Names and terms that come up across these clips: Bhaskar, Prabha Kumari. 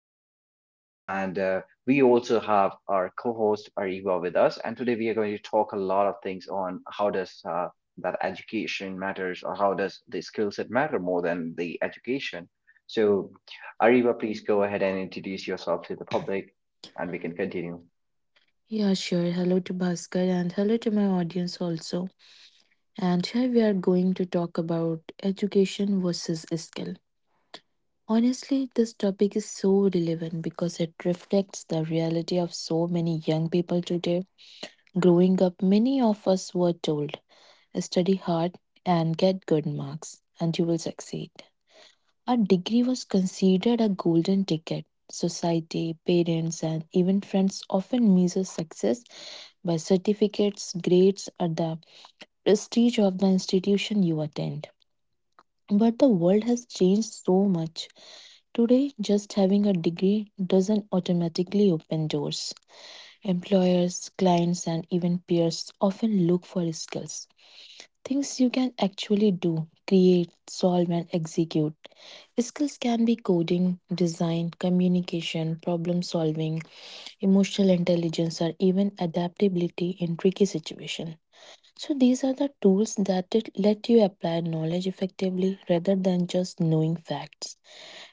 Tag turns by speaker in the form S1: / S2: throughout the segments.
S1: Bhaskar, and we also have our co-host Ariba with us. And today we are going to talk a lot of things on how does that education matters, or how does the skill set matter more than the education. So, Ariba, please go ahead and introduce yourself to the public, and we can continue.
S2: Yeah, sure. Hello to Bhaskar and hello to my audience also. And here we are going to talk about education versus skill. Honestly, this topic is so relevant because it reflects the reality of so many young people today. Growing up, many of us were told study hard and get good marks, and you will succeed. A degree was considered a golden ticket. Society, parents, and even friends often measure success by certificates, grades, or the prestige of the institution you attend. But the world has changed so much. Today, just having a degree doesn't automatically open doors. Employers, clients, and even peers often look for skills. Things you can actually do, create, solve, and execute. Skills can be coding, design, communication, problem solving, emotional intelligence, or even adaptability in tricky situations. So these are the tools that it let you apply knowledge effectively rather than just knowing facts.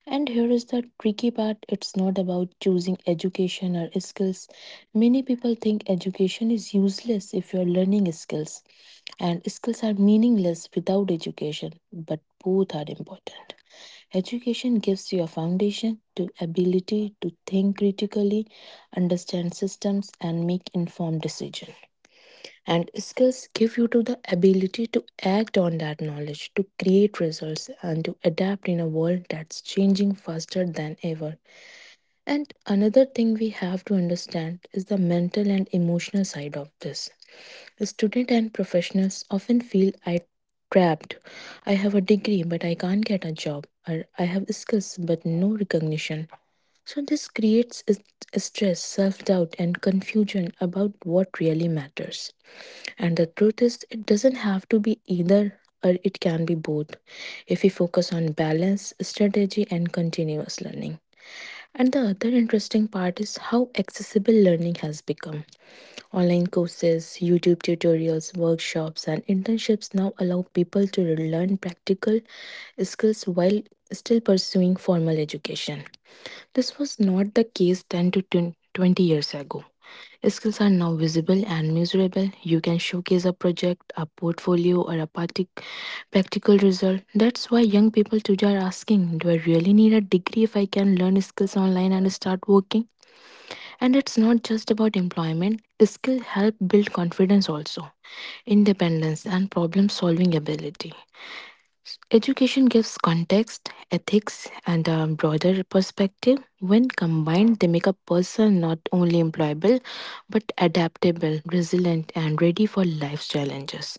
S2: And here is the tricky part, it's not about choosing education or skills. Many people think education is useless if you're learning skills, and skills are meaningless without education, but both are important. Education gives you a foundation, to ability to think critically, understand systems and make informed decisions. And skills give you to the ability to act on that knowledge, to create results and to adapt in a world that's changing faster than ever. And another thing we have to understand is the mental and emotional side of this. Students and professionals often feel I trapped. I have a degree but I can't get a job, or I have skills but no recognition. So this creates stress, self-doubt and confusion about what really matters. And the truth is, it doesn't have to be either or, it can be both if we focus on balance, strategy, and continuous learning. And the other interesting part is how accessible learning has become. Online courses, YouTube tutorials, workshops, and internships now allow people to learn practical skills while still pursuing formal education. This was not the case 10 to 20 years ago. Skills are now visible and measurable. You can showcase a project, a portfolio, or a practical result. That's why young people today are asking, do I really need a degree if I can learn skills online and start working? And it's not just about employment, skills help build confidence also, independence, and problem solving ability. Education gives context, ethics, and a broader perspective. When combined, they make a person not only employable but adaptable, resilient, and ready for life's challenges.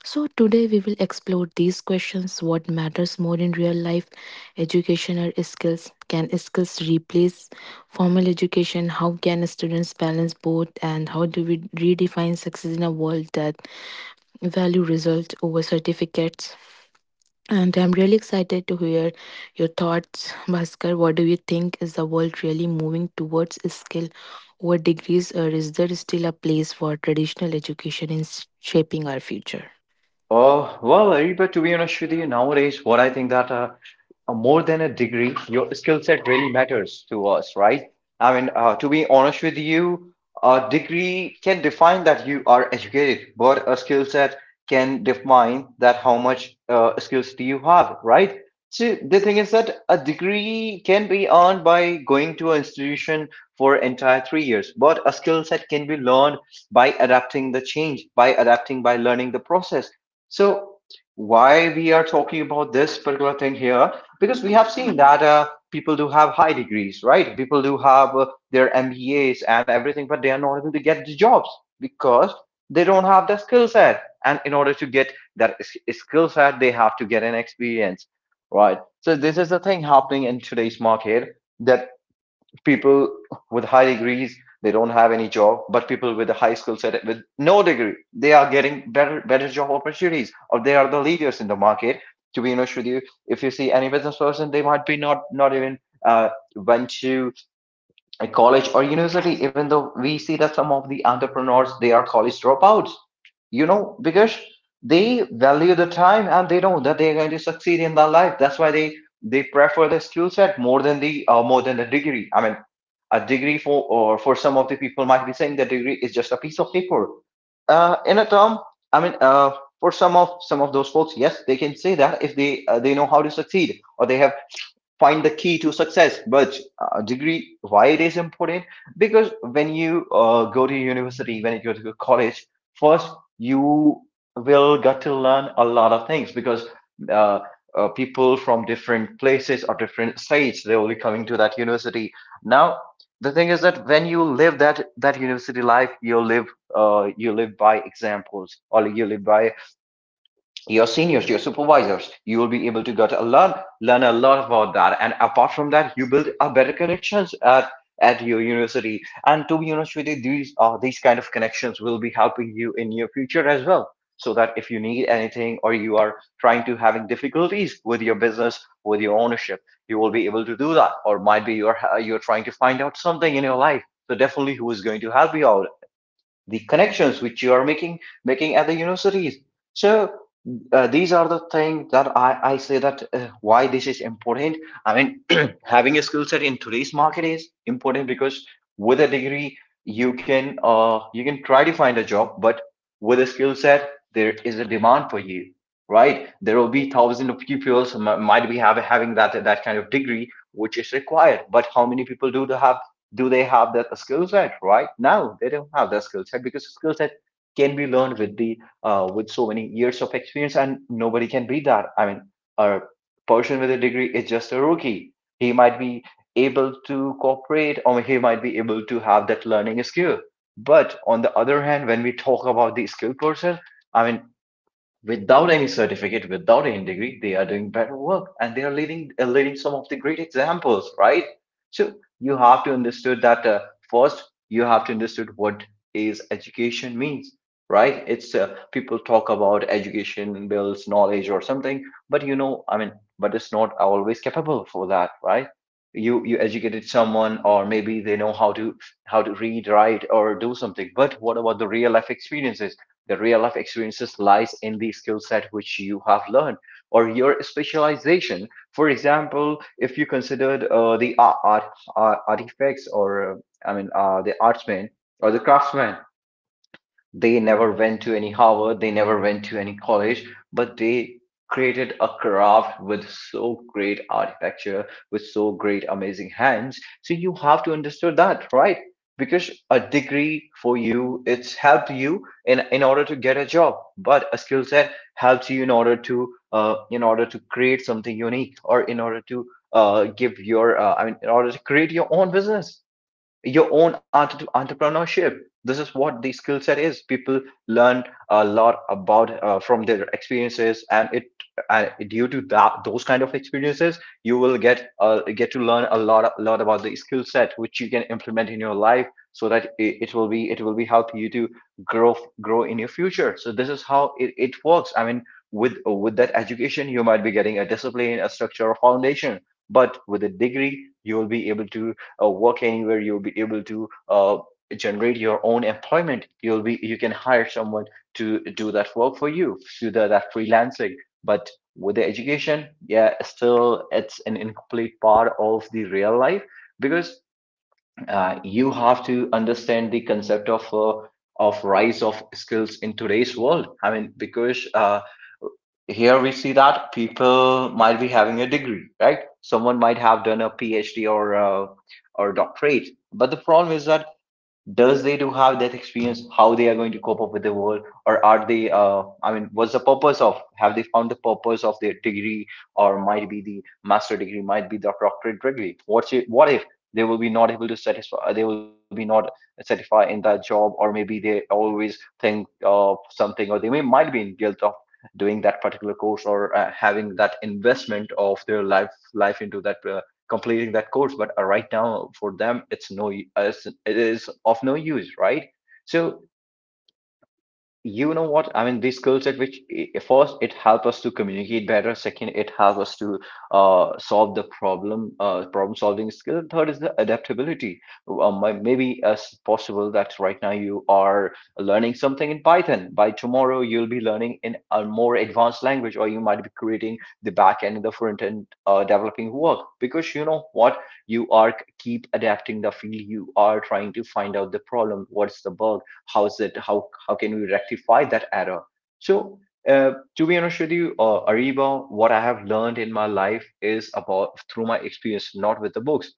S2: So, today we will explore these questions: what matters more in real life, education or skills? Can skills replace formal education? How can students balance both? And how do we redefine success in a world that value results over certificates? And I'm really excited to hear your thoughts, Bhaskar. What do you think? Is the world really moving towards skill over degrees, or is there still a place for traditional education in shaping our future?
S1: Oh, well, Ariba, to be honest with you, nowadays, what I think that more than a degree, your skill set really matters to us, right? I mean, to be honest with you, a degree can define that you are educated, but a skill set can define that how much skills do you have, right? So the thing is that a degree can be earned by going to an institution for entire 3 years, but a skill set can be learned by adapting the change, by adapting, by learning the process. So why we are talking about this particular thing here? Because we have seen that people do have high degrees, right? People do have their MBAs and everything, but they are not able to get the jobs because they don't have the skill set. And in order to get that skill set, they have to get an experience, right? So this is the thing happening in today's market. That people with high degrees, they don't have any job, but people with a high skill set with no degree, they are getting better job opportunities, or they are the leaders in the market. To be honest with you, if you see any business person, they might be not even uh, went to a college or university. Even though we see that some of the entrepreneurs, they are college dropouts, you know, because they value the time and they know that they are going to succeed in their life. That's why they prefer the skill set more than the degree. I mean, a degree for, or for some of the people, might be saying the degree is just a piece of paper, in a term. I mean, for some of those folks, yes, they can say that if they they know how to succeed, or they have find the key to success. But degree, why it is important? Because when you go to university, when you go to college, first you will got to learn a lot of things because uh, people from different places or different states, they will be coming to that university. Now the thing is that when you live that university life, you live, you live by examples, or you live by your seniors, your supervisors, you will be able to get a learn a lot about that. And apart from that, you build a better connections at your university. And to be honest with you, these kind of connections will be helping you in your future as well. So that if you need anything, or you are trying to having difficulties with your business, with your ownership, you will be able to do that. Or might be you're trying to find out something in your life. So definitely, who is going to help you out? The connections which you are making at the universities. So these are the things that I say that why this is important. I mean, having a skill set in today's market is important because with a degree you can try to find a job, but with a skill set there is a demand for you, right? There will be thousands of people who might be have, having that kind of degree which is required. But how many people do have, do they have that skill set? Right now they don't have that skill set because skill set can be learned with the with so many years of experience, and nobody can beat that. I mean, a person with a degree is just a rookie. He might be able to cooperate, or he might be able to have that learning skill. But on the other hand, when we talk about the skilled person, I mean, without any certificate, without any degree, they are doing better work, and they are leading leading some of the great examples, right? So you have to understand that first. You have to understand what is education means, right? It's people talk about education builds knowledge or something, but you know, I mean, but it's not always capable for that, right? You educated someone, or maybe they know how to read, write, or do something. But what about the real life experiences? The real life experiences lies in the skill set which you have learned, or your specialization. For example, if you considered the art, artifacts, or the artsman or the craftsman, they never went to any Harvard, they never went to any college, but they created a craft with so great architecture, with so great amazing hands. So you have to understand that, right? Because a degree for you, it's helped you in order to get a job, but a skill set helps you in order to create something unique, or in order to give your I mean in order to create your own business, your own entrepreneurship. This is what the skill set is. People learn a lot about from their experiences, and it due to that those kind of experiences, you will get to learn a lot about the skill set which you can implement in your life, so that it will be it will be help you to grow grow in your future. So this is how it works. I mean, with that education, you might be getting a discipline, a structure, a foundation, but with a degree, you will be able to work anywhere. You'll be able to generate your own employment. You'll be, you can hire someone to do that work for you through the, that freelancing. But with the education, yeah, still it's an incomplete part of the real life, because you have to understand the concept of rise of skills in today's world. I mean, because here we see that people might be having a degree, right? Someone might have done a phd, or a, or doctorate, but the problem is that, does they do have that experience? How they are going to cope up with the world? Or are they I mean, what's the purpose of, have they found the purpose of their degree, or might be the master degree, might be the doctorate degree, what's it, what if they will be not able to satisfy, they will be not satisfied in that job? Or maybe they always think of something, or they may might be in guilt of doing that particular course, or having that investment of their life into that completing that course. But right now for them it's no it is of no use, right? So you know what I mean, these skill set which first, it help us to communicate better. Second, it help us to solve the problem, problem solving skill. Third is the adaptability. Maybe as possible that right now you are learning something in python, by tomorrow you'll be learning in a more advanced language, or you might be creating the back end and the front end developing work. Because you know what, you are keep adapting the field, you are trying to find out the problem, what's the bug, how can we rectify that error? So, to be honest with you, Ariba, what I have learned in my life is about through my experience, not with the books.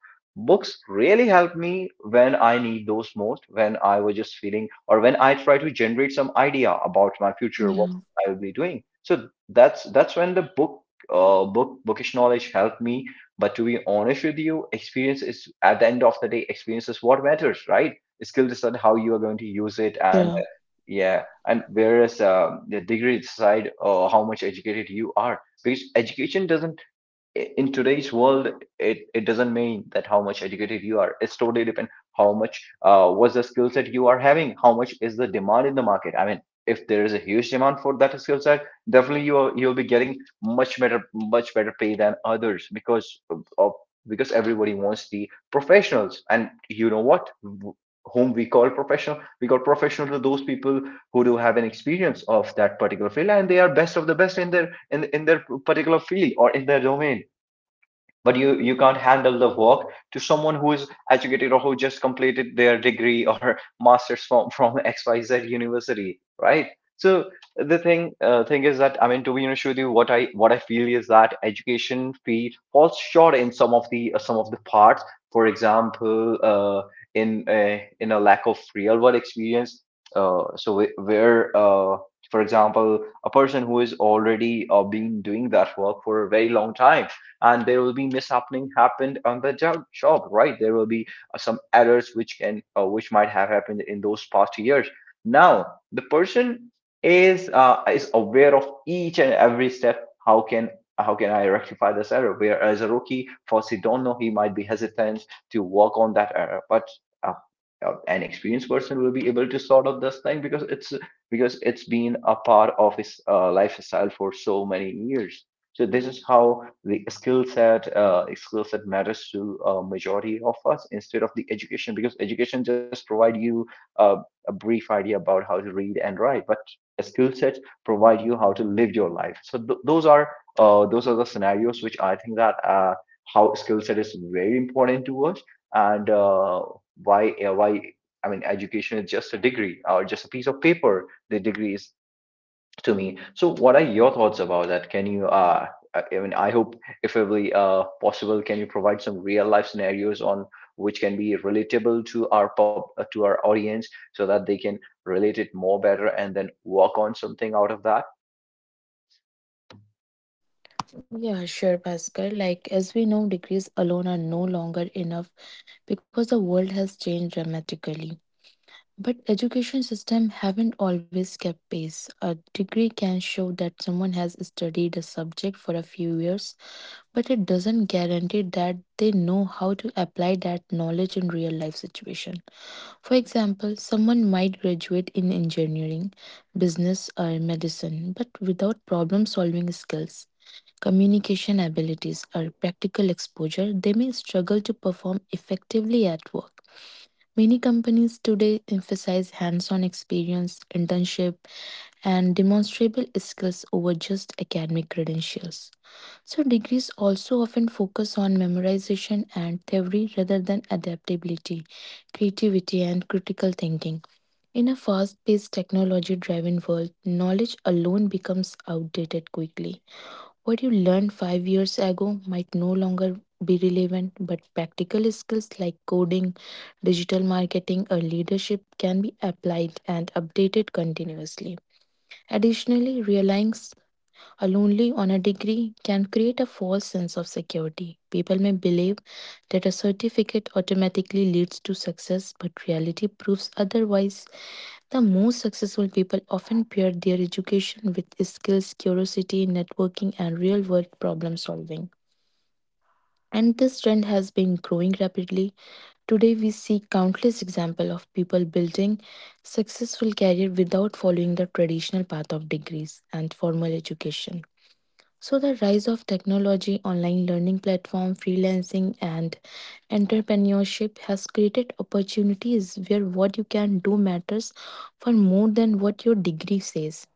S1: Books really helped me when I need those most, when I was just feeling, or when I try to generate some idea about my future, what
S2: Yeah.
S1: I will be doing. So that's when the book, bookish knowledge helped me. But to be honest with you, experience is, at the end of the day, experience is what matters, right? Skill is on how you are going to use it and
S2: Yeah.
S1: yeah, and whereas the degree side, how much educated you are, because education doesn't in today's world it doesn't mean that how much educated you are, it's totally depend how much was the skill set you are having, how much is the demand in the market. I mean, if there is a huge demand for that skill set, definitely you'll be getting much better, much better pay than others, because everybody wants the professionals. And you know what, whom we call professional, we call professional to those people who do have an experience of that particular field and they are best of the best in their in their particular field or in their domain. But you can't handle the work to someone who is educated or who just completed their degree or master's from xyz university, right? So the thing, thing is that, I mean, to be honest with you, what I, what I feel is that education fee falls short in some of the, some of the parts. For example, in a lack of real world experience. So where, for example, a person who is already been doing that work for a very long time, and there will be mishappening happened on the job, right? There will be, some errors which can, which might have happened in those past years. Now the person is, is aware of each and every step. How can, how can I rectify this error, whereas a rookie first he don't know, he might be hesitant to work on that error. But uh, an experienced person will be able to sort out this thing, because it's, because it's been a part of his lifestyle for so many years. So this is how the skill set, skill set matters to a majority of us instead of the education, because education just provide you, uh, a brief idea about how to read and write, but a skill set provide you how to live your life. So those are, those are the scenarios which I think that, how skill set is very important to us. And why, why, I mean, education is just a degree or just a piece of paper. The degree is to me. So, what are your thoughts about that? Can you, I mean, I hope if every possible, can you provide some real life scenarios on which can be relatable to our to our audience so that they can relate it more better and then work on something out of that?
S2: Yeah, sure, Bhaskar. Like, as we know, degrees alone are no longer enough because the world has changed dramatically. But education system haven't always kept pace. A degree can show that someone has studied a subject for a few years, but it doesn't guarantee that they know how to apply that knowledge in real life situation. For example, someone might graduate in engineering, business or medicine, but without problem solving skills, communication abilities or practical exposure, they may struggle to perform effectively at work. Many companies today emphasize hands on experience, internship, and demonstrable skills over just academic credentials. So, degrees also often focus on memorization and theory rather than adaptability, creativity, and critical thinking. In a fast paced, technology driven world, knowledge alone becomes outdated quickly. What you learned 5 years ago might no longer be relevant, but practical skills like coding, digital marketing, or leadership can be applied and updated continuously. Additionally, only on a degree can create a false sense of security. People may believe that a certificate automatically leads to success, but reality proves otherwise. The most successful people often pair their education with skills, curiosity, networking, and real world problem solving. And this trend has been growing rapidly. Today, we see countless examples of people building successful career without following the traditional path of degrees and formal education. So, the rise of technology, online learning platform, freelancing, and entrepreneurship has created opportunities where what you can do matters for more than what your degree says.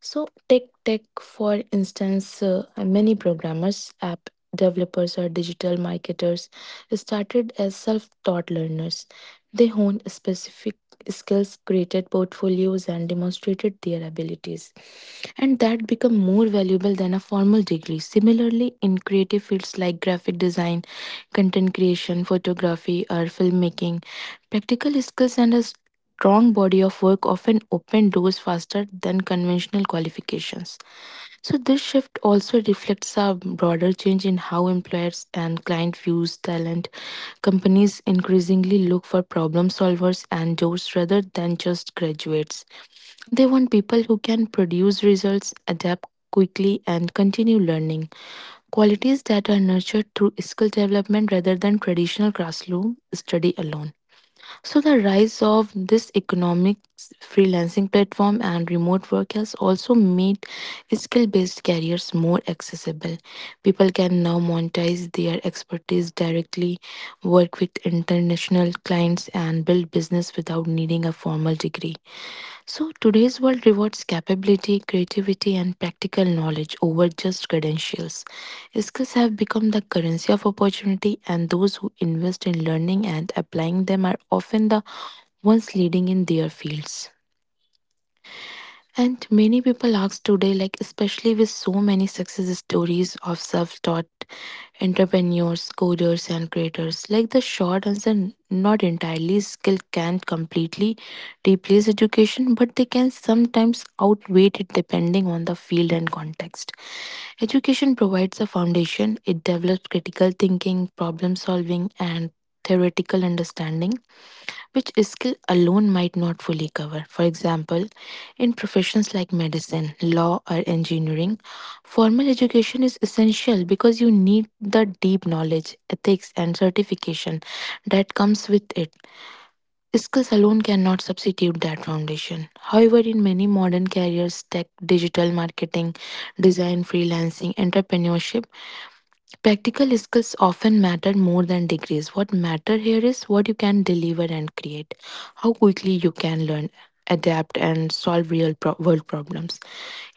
S2: So, tech, for instance, many programmers, app developers, or digital marketers started as self taught learners. They honed specific skills, created portfolios, and demonstrated their abilities. And that became more valuable than a formal degree. Similarly, in creative fields like graphic design, content creation, photography, or filmmaking, practical skills and a strong body of work often open doors faster than conventional qualifications. So this shift also reflects a broader change in how employers and client views talent. Companies increasingly look for problem solvers and doers rather than just graduates. They want people who can produce results, adapt quickly, and continue learning. Qualities that are nurtured through skill development rather than traditional classroom study alone. So the rise of this economic freelancing platform and remote work has also made skill-based careers more accessible. People can now monetize their expertise directly, work with international clients and build business without needing a formal degree. So, today's world rewards capability, creativity, and practical knowledge over just credentials. Skills have become the currency of opportunity, and those who invest in learning and applying them are often the ones leading in their fields. And many people ask today, like, especially with so many success stories of self taught entrepreneurs, coders, and creators, like, the short answer, not entirely, skill can't completely replace education, but they can sometimes outweigh it depending on the field and context. Education provides a foundation, it develops critical thinking, problem solving, and theoretical understanding which a skill alone might not fully cover. For example, in professions like medicine, law, or engineering, formal education is essential because you need the deep knowledge, ethics, and certification that comes with it. Skills alone cannot substitute that foundation. However, in many modern careers, tech, digital marketing, design, freelancing, entrepreneurship, practical skills often matter more than degrees. What matter here is what you can deliver and create, how quickly you can learn, adapt, and solve world problems.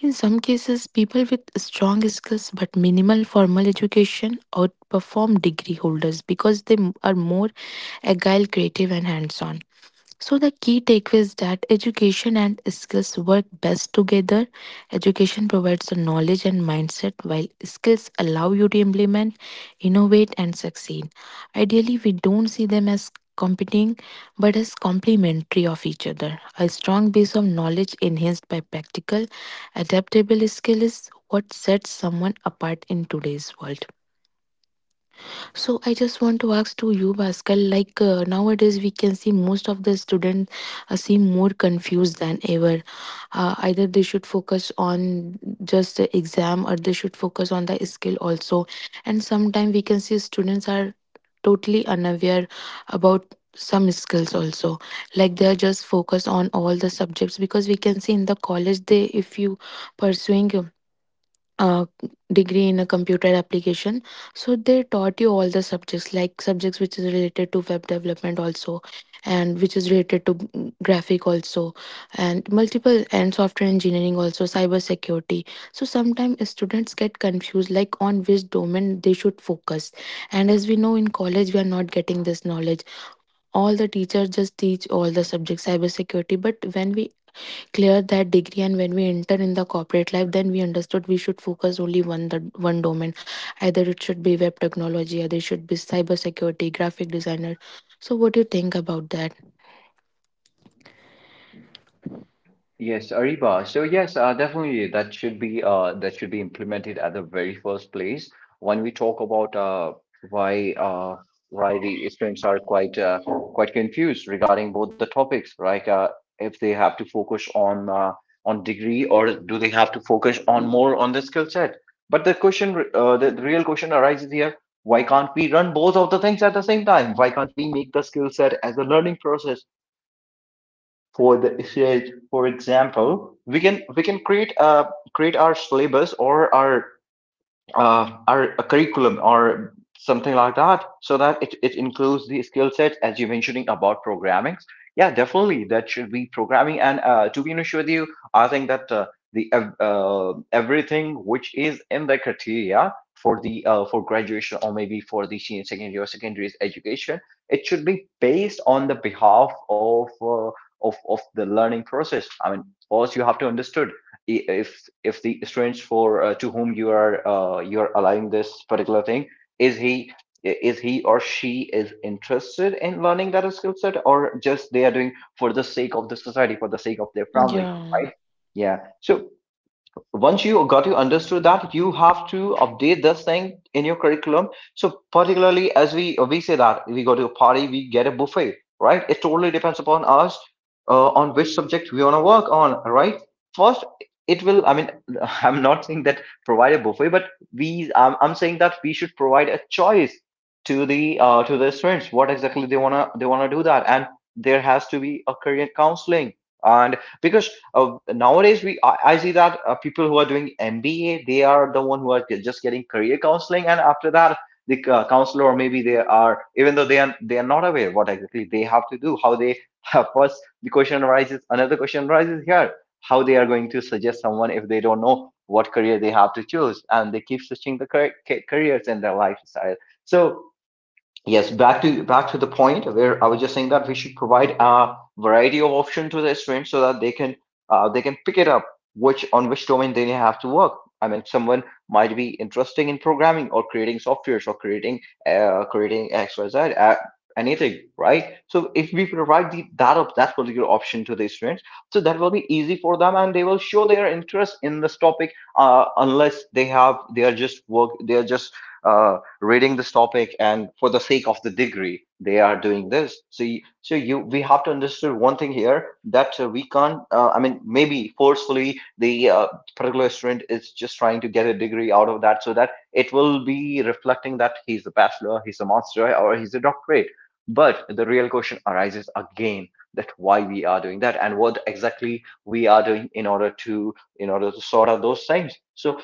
S2: In some cases, people with strong skills but minimal formal education outperform degree holders because are more agile, creative, and hands on. So the key takeaway is that education and skills work best together. Education provides the knowledge and mindset while skills allow you to implement, innovate and succeed. Ideally, we don't see them as competing but as complementary of each other. A strong base of knowledge enhanced by practical adaptable skill is what sets someone apart in today's world. So I just want to ask to you, Bhaskar, like nowadays we can see most of the students seem more confused than ever. Either they should focus on just the exam or they should focus on the skill also. And sometimes we can see students are totally unaware about some skills also, like they are just focused on all the subjects, because we can see in the college, they, if you pursuing uh, degree in a computer application, so they taught you all the subjects, like subjects which is related to web development also, and which is related to graphic also, and multiple and software engineering also, cyber security. So sometimes students get confused like on which domain they should focus. And as we know, in college we are not getting this knowledge. All the teachers just teach all the subjects, cyber security. But when we clear that degree and when we enter in the corporate life, then we understood we should focus only one the one domain, either it should be web technology, either it should be cyber security, graphic designer. So what do you think about that?
S1: Yes, Ariba. So yes, definitely that should be, that should be implemented at the very first place. When we talk about why, why the students are quite, quite confused regarding both the topics, like, if they have to focus on, on degree or do they have to focus on more on the skill set. But the question, the real question arises here: why can't we run both of the things at the same time? Why can't we make the skill set as a learning process for the issue? For example, we can create create our syllabus or our, our a curriculum or something like that, so that it includes the skill sets as you mentioning about programming. Yeah, definitely that should be programming. And to be honest with you, I think that the everything which is in the criteria for the, for graduation or maybe for the senior secondary or secondary education, it should be based on the behalf of, of the learning process. I mean, first you have to understood, if if the students for to whom you are, you are allowing this particular thing, is he, is he or she is interested in learning that skill set, or just they are doing for the sake of the society, for the sake of their family,
S2: Yeah,
S1: right? Yeah, so once you got, you understood that you have to update this thing in your curriculum. So particularly, as we say that we go to a party, we get a buffet, right? It totally depends upon us, on which subject we want to work on, right? First it will, I mean, I'm not saying that provide a buffet, but I'm saying that we should provide a choice to the, to the students what exactly they want to do that. And there has to be a career counseling. And because, nowadays we I see that people who are doing MBA, they are the one who are just getting career counseling, and after that the counselor, or maybe they are, even though they are not aware what exactly they have to do, how they, first the question arises, another question arises here, how they are going to suggest someone if they don't know what career they have to choose, and they keep switching the careers in their lifestyle. So, yes, back to back to the point where I was just saying that we should provide a variety of option to the students so that they can, they can pick it up, which on which domain they have to work. I mean, someone might be interesting in programming or creating softwares or creating, creating XYZ, anything, right? So if we provide that that particular option to the students, so that will be easy for them and they will show their interest in this topic. Unless they are just work they are just, uh, reading this topic and for the sake of the degree they are doing this. So you, so you we have to understand one thing here, that, we can't, I mean, maybe forcefully the, particular student is just trying to get a degree out of that, so that it will be reflecting that he's a bachelor, he's a master, or he's a doctorate. But the real question arises again, that why we are doing that and what exactly we are doing in order to, in order to sort out those things. So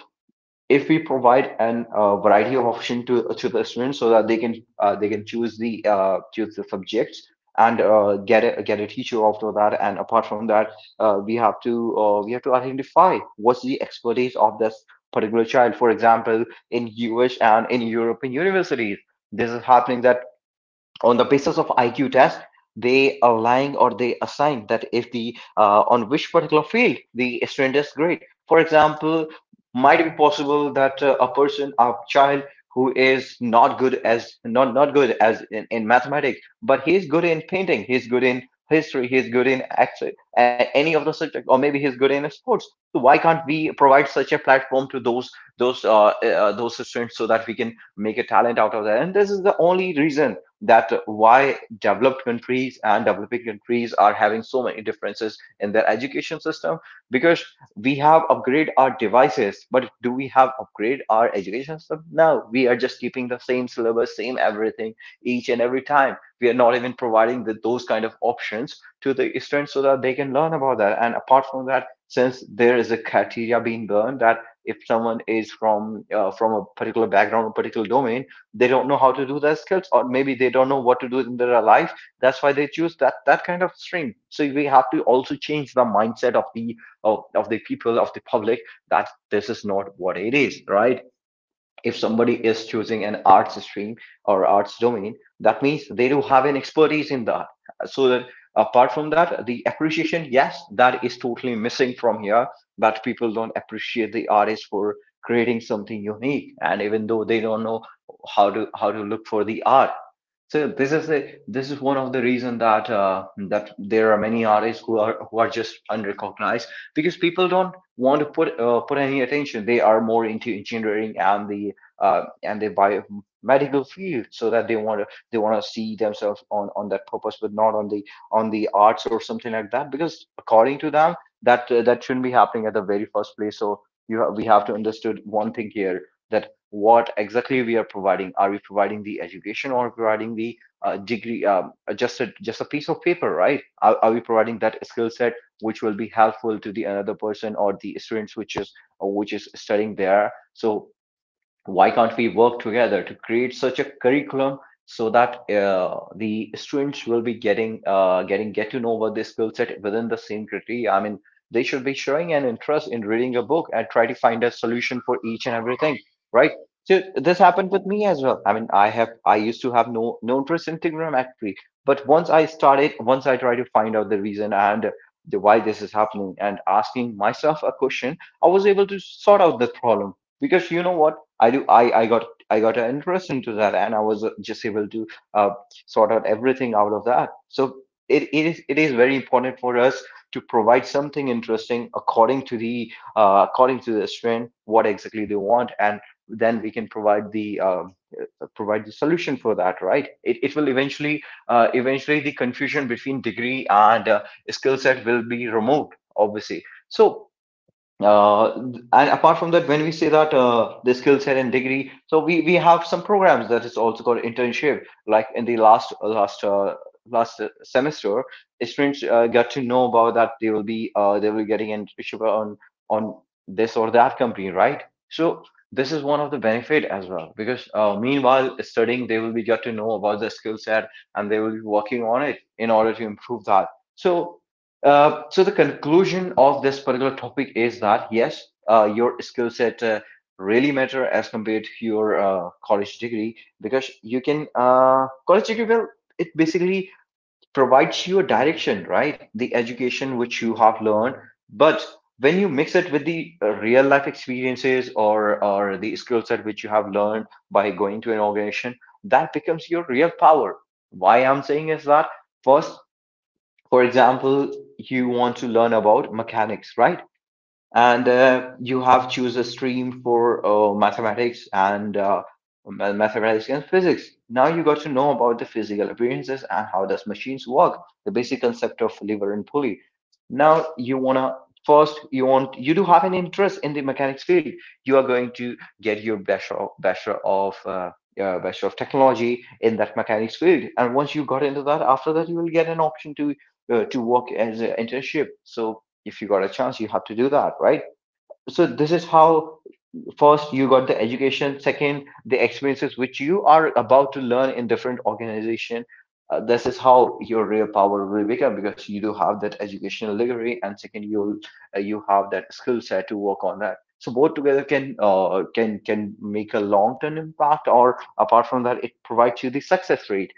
S1: if we provide an, variety of option to the students so that they can, they can choose the, choose the subjects, and get a, get a teacher after that. And apart from that, we have to, we have to identify what's the expertise of this particular child. For example, in US and in European universities, this is happening, that on the basis of IQ test, they align or they assign that if the, on which particular field the student is great. For example, might be possible that, a person, a child who is not good as, not good as in mathematics, but he is good in painting, he is good in history, he is good in actually any of the subject, or maybe he's good in sports. So why can't we provide such a platform to those, those students so that we can make a talent out of that? And this is the only reason that why developed countries and developing countries are having so many differences in their education system. Because we have upgrade our devices, but do we have upgrade our education system? No, we are just keeping the same syllabus, same everything each and every time. We are not even providing those kind of options to the students so that they can learn about that. And apart from that, since there is a criteria being burned, that if someone is from, from a particular background or particular domain, they don't know how to do their skills, or maybe they don't know what to do in their life, that's why they choose that that kind of stream. So we have to also change the mindset of the, of the people, of the public, that this is not what it is, right? If somebody is choosing an arts stream or arts domain, that means they do have an expertise in that. So that, apart from that, the appreciation, yes, that is totally missing from here. That people don't appreciate the artist for creating something unique, and even though they don't know how to look for the art. So this is the, this is one of the reason that, that there are many artists who are, who are just unrecognized, because people don't want to put, put any attention. They are more into engineering and the, and the biomedical field, so that they want to see themselves on that purpose, but not on the, on the arts or something like that. Because according to them, that, that shouldn't be happening at the very first place. We have to understood one thing here: that what exactly we are providing. Are we providing the education or providing the just a piece of paper, right? Are we providing that skill set which will be helpful to the another person or the students which is studying there? So why can't we work together to create such a curriculum so that the students will be get to know about the skill set within the same criteria? I mean, they should be showing an interest in reading a book and try to find a solution for each and everything, right? So this happened with me as well. I mean, I used to have no interest in trigonometry, but once I tried to find out the reason and the why this is happening and asking myself a question, I was able to sort out the problem, because you know what I do. I got an interest into that, and I was just able to uh, sort out everything out of that. So it is very important for us to provide something interesting according to the student, what exactly they want, and then we can provide the solution for that. Right? It will eventually the confusion between degree and skill set will be removed, obviously. So. Uh, and apart from that, when we say that the skill set and degree, so we have some programs that is also called internship. Like in the last last last semester, students got to know about that they will be getting internship on this or that company, right? So this is one of the benefit as well, because meanwhile studying, they will be got to know about the skill set and they will be working on it in order to improve that. So so the conclusion of this particular topic is that yes, your skill set really matter as compared to your college degree, because you can college degree, well, it basically provides you a direction, right? The education which you have learned, but when you mix it with the real life experiences or the skill set which you have learned by going to an organization, that becomes your real power. Why I'm saying is that first, for example, you want to learn about mechanics, right? And you have choose a stream for mathematics and mathematics and physics. Now you got to know about the physical appearances and how does machines work, the basic concept of lever and pulley. Now you want to first, you want, you do have an interest in the mechanics field, you are going to get your bachelor of technology in that mechanics field, and once you got into that, after that you will get an option to work as an internship. So if you got a chance, you have to do that, right? So this is how: first you got the education, second the experiences which you are about to learn in different organization. This is how your real power will become, because you do have that educational degree, and second, you have that skill set to work on that. So both together can can make a long term impact, or apart from that, it provides you the success rate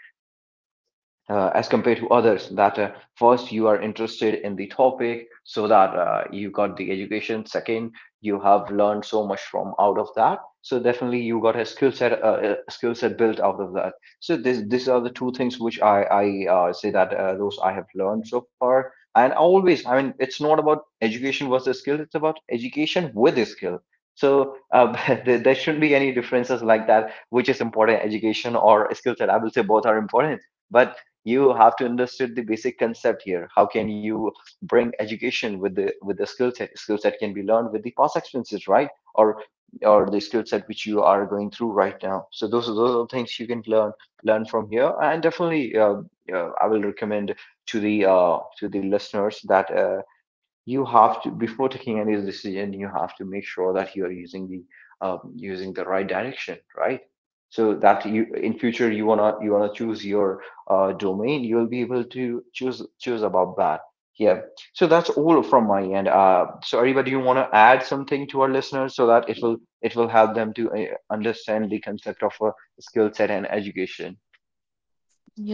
S1: as compared to others. That first you are interested in the topic, so that you got the education, second, you have learned so much from out of that, so definitely you got a skill set built out of that. So this, these are the two things which I say, that those I have learned so far. And always, I mean, it's not about education versus skill, it's about education with a skill. So there shouldn't be any differences like that, which is important, education or skill set. I will say both are important. But you have to understand the basic concept here: how can you bring education with the skill set? Skill set can be learned with the past experiences, right? or or the skill set which you are going through right now. So those are things you can learn from here. And definitely I will recommend to the listeners that you have to, before taking any decision, you have to make sure that you are using the right direction, right? So that you, in future, you wanna choose your domain, you'll be able to choose about that. Yeah. So that's all from my end. So Ariba, do you want to add something to our listeners so that it will help them to understand the concept of a skill set and education?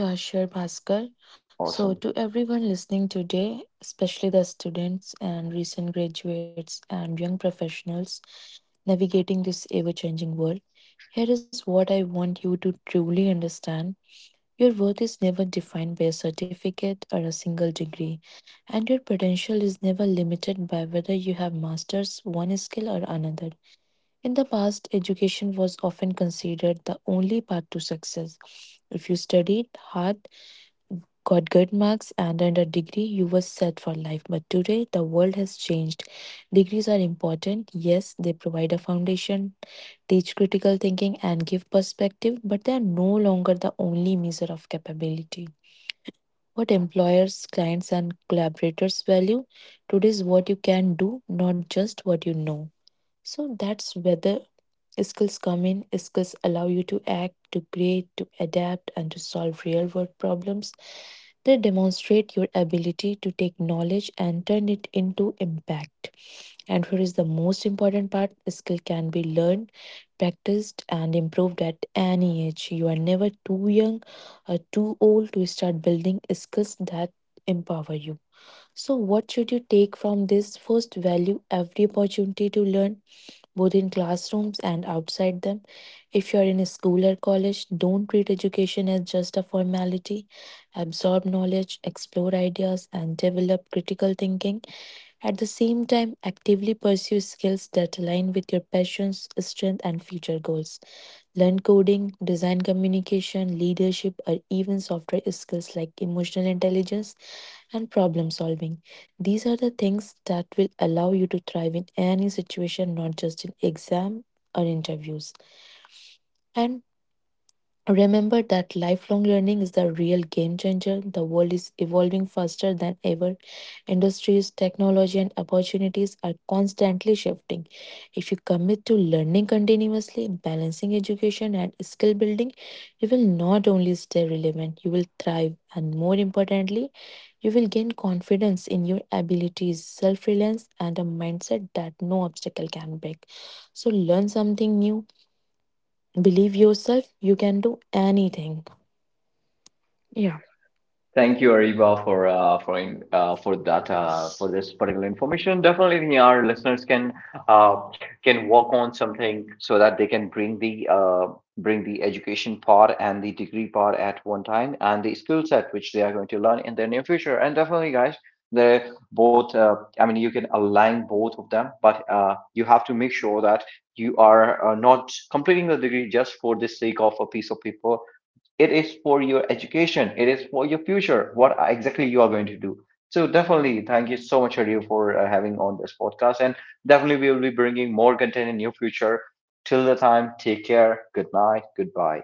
S2: yeah, sure, Bhaskar. So,
S1: Awesome.
S2: to everyone listening today, especially the students and recent graduates and young professionals navigating this ever changing world, here is what I want you to truly understand. Your worth is never defined by a certificate or a single degree, and your potential is never limited by whether you have mastered one skill or another. In the past, education was often considered the only path to success. If you studied hard, got good marks, and earned a degree, you were set for life. But today, the world has changed. Degrees are important. Yes, they provide a foundation, teach critical thinking, and give perspective, but they are no longer the only measure of capability what employers, clients, and collaborators value. Today's what you can do, not just what you know. So that's whether skills come in. Skills allow you to act, to create, to adapt, and to solve real world problems. They demonstrate your ability to take knowledge and turn it into impact. And here is the most important part, skill can be learned, practiced, and improved at any age. You are never too young or too old to start building skills that empower you. So, what should you take from this? First, value every opportunity to learn, both in classrooms and outside them. If you are in a school or college, don't treat education as just a formality. Absorb knowledge, explore ideas, and develop critical thinking. At the same time, actively pursue skills that align with your passions, strength, and future goals. Learn coding, design communication, leadership, or even software skills like emotional intelligence and problem solving. These are the things that will allow you to thrive in any situation, not just in exam or interviews. And remember that lifelong learning is the real game changer. The world is evolving faster than ever. Industries, technology, and opportunities are constantly shifting. If you commit to learning continuously, balancing education and skill building, you will not only stay relevant, you will thrive, and more importantly, you will gain confidence in your abilities, self reliance, and a mindset that no obstacle can break. So, learn something new, believe yourself, you can do anything. Yeah.
S1: Thank you, Ariba, for for that, for this particular information. Definitely, our listeners uh, can work on something so that they can bring the education part and the degree part at one time, and the skill set which they are going to learn in their near future. And definitely, guys, they're both. I mean, you can align both of them, but you have to make sure that you are not completing the degree just for the sake of a piece of paper. It is for your education, it is for your future, what exactly you are going to do. So definitely, thank you so much, Adio, for having on this podcast, and definitely we will be bringing more content in near future. Till the time, take care, good night, goodbye.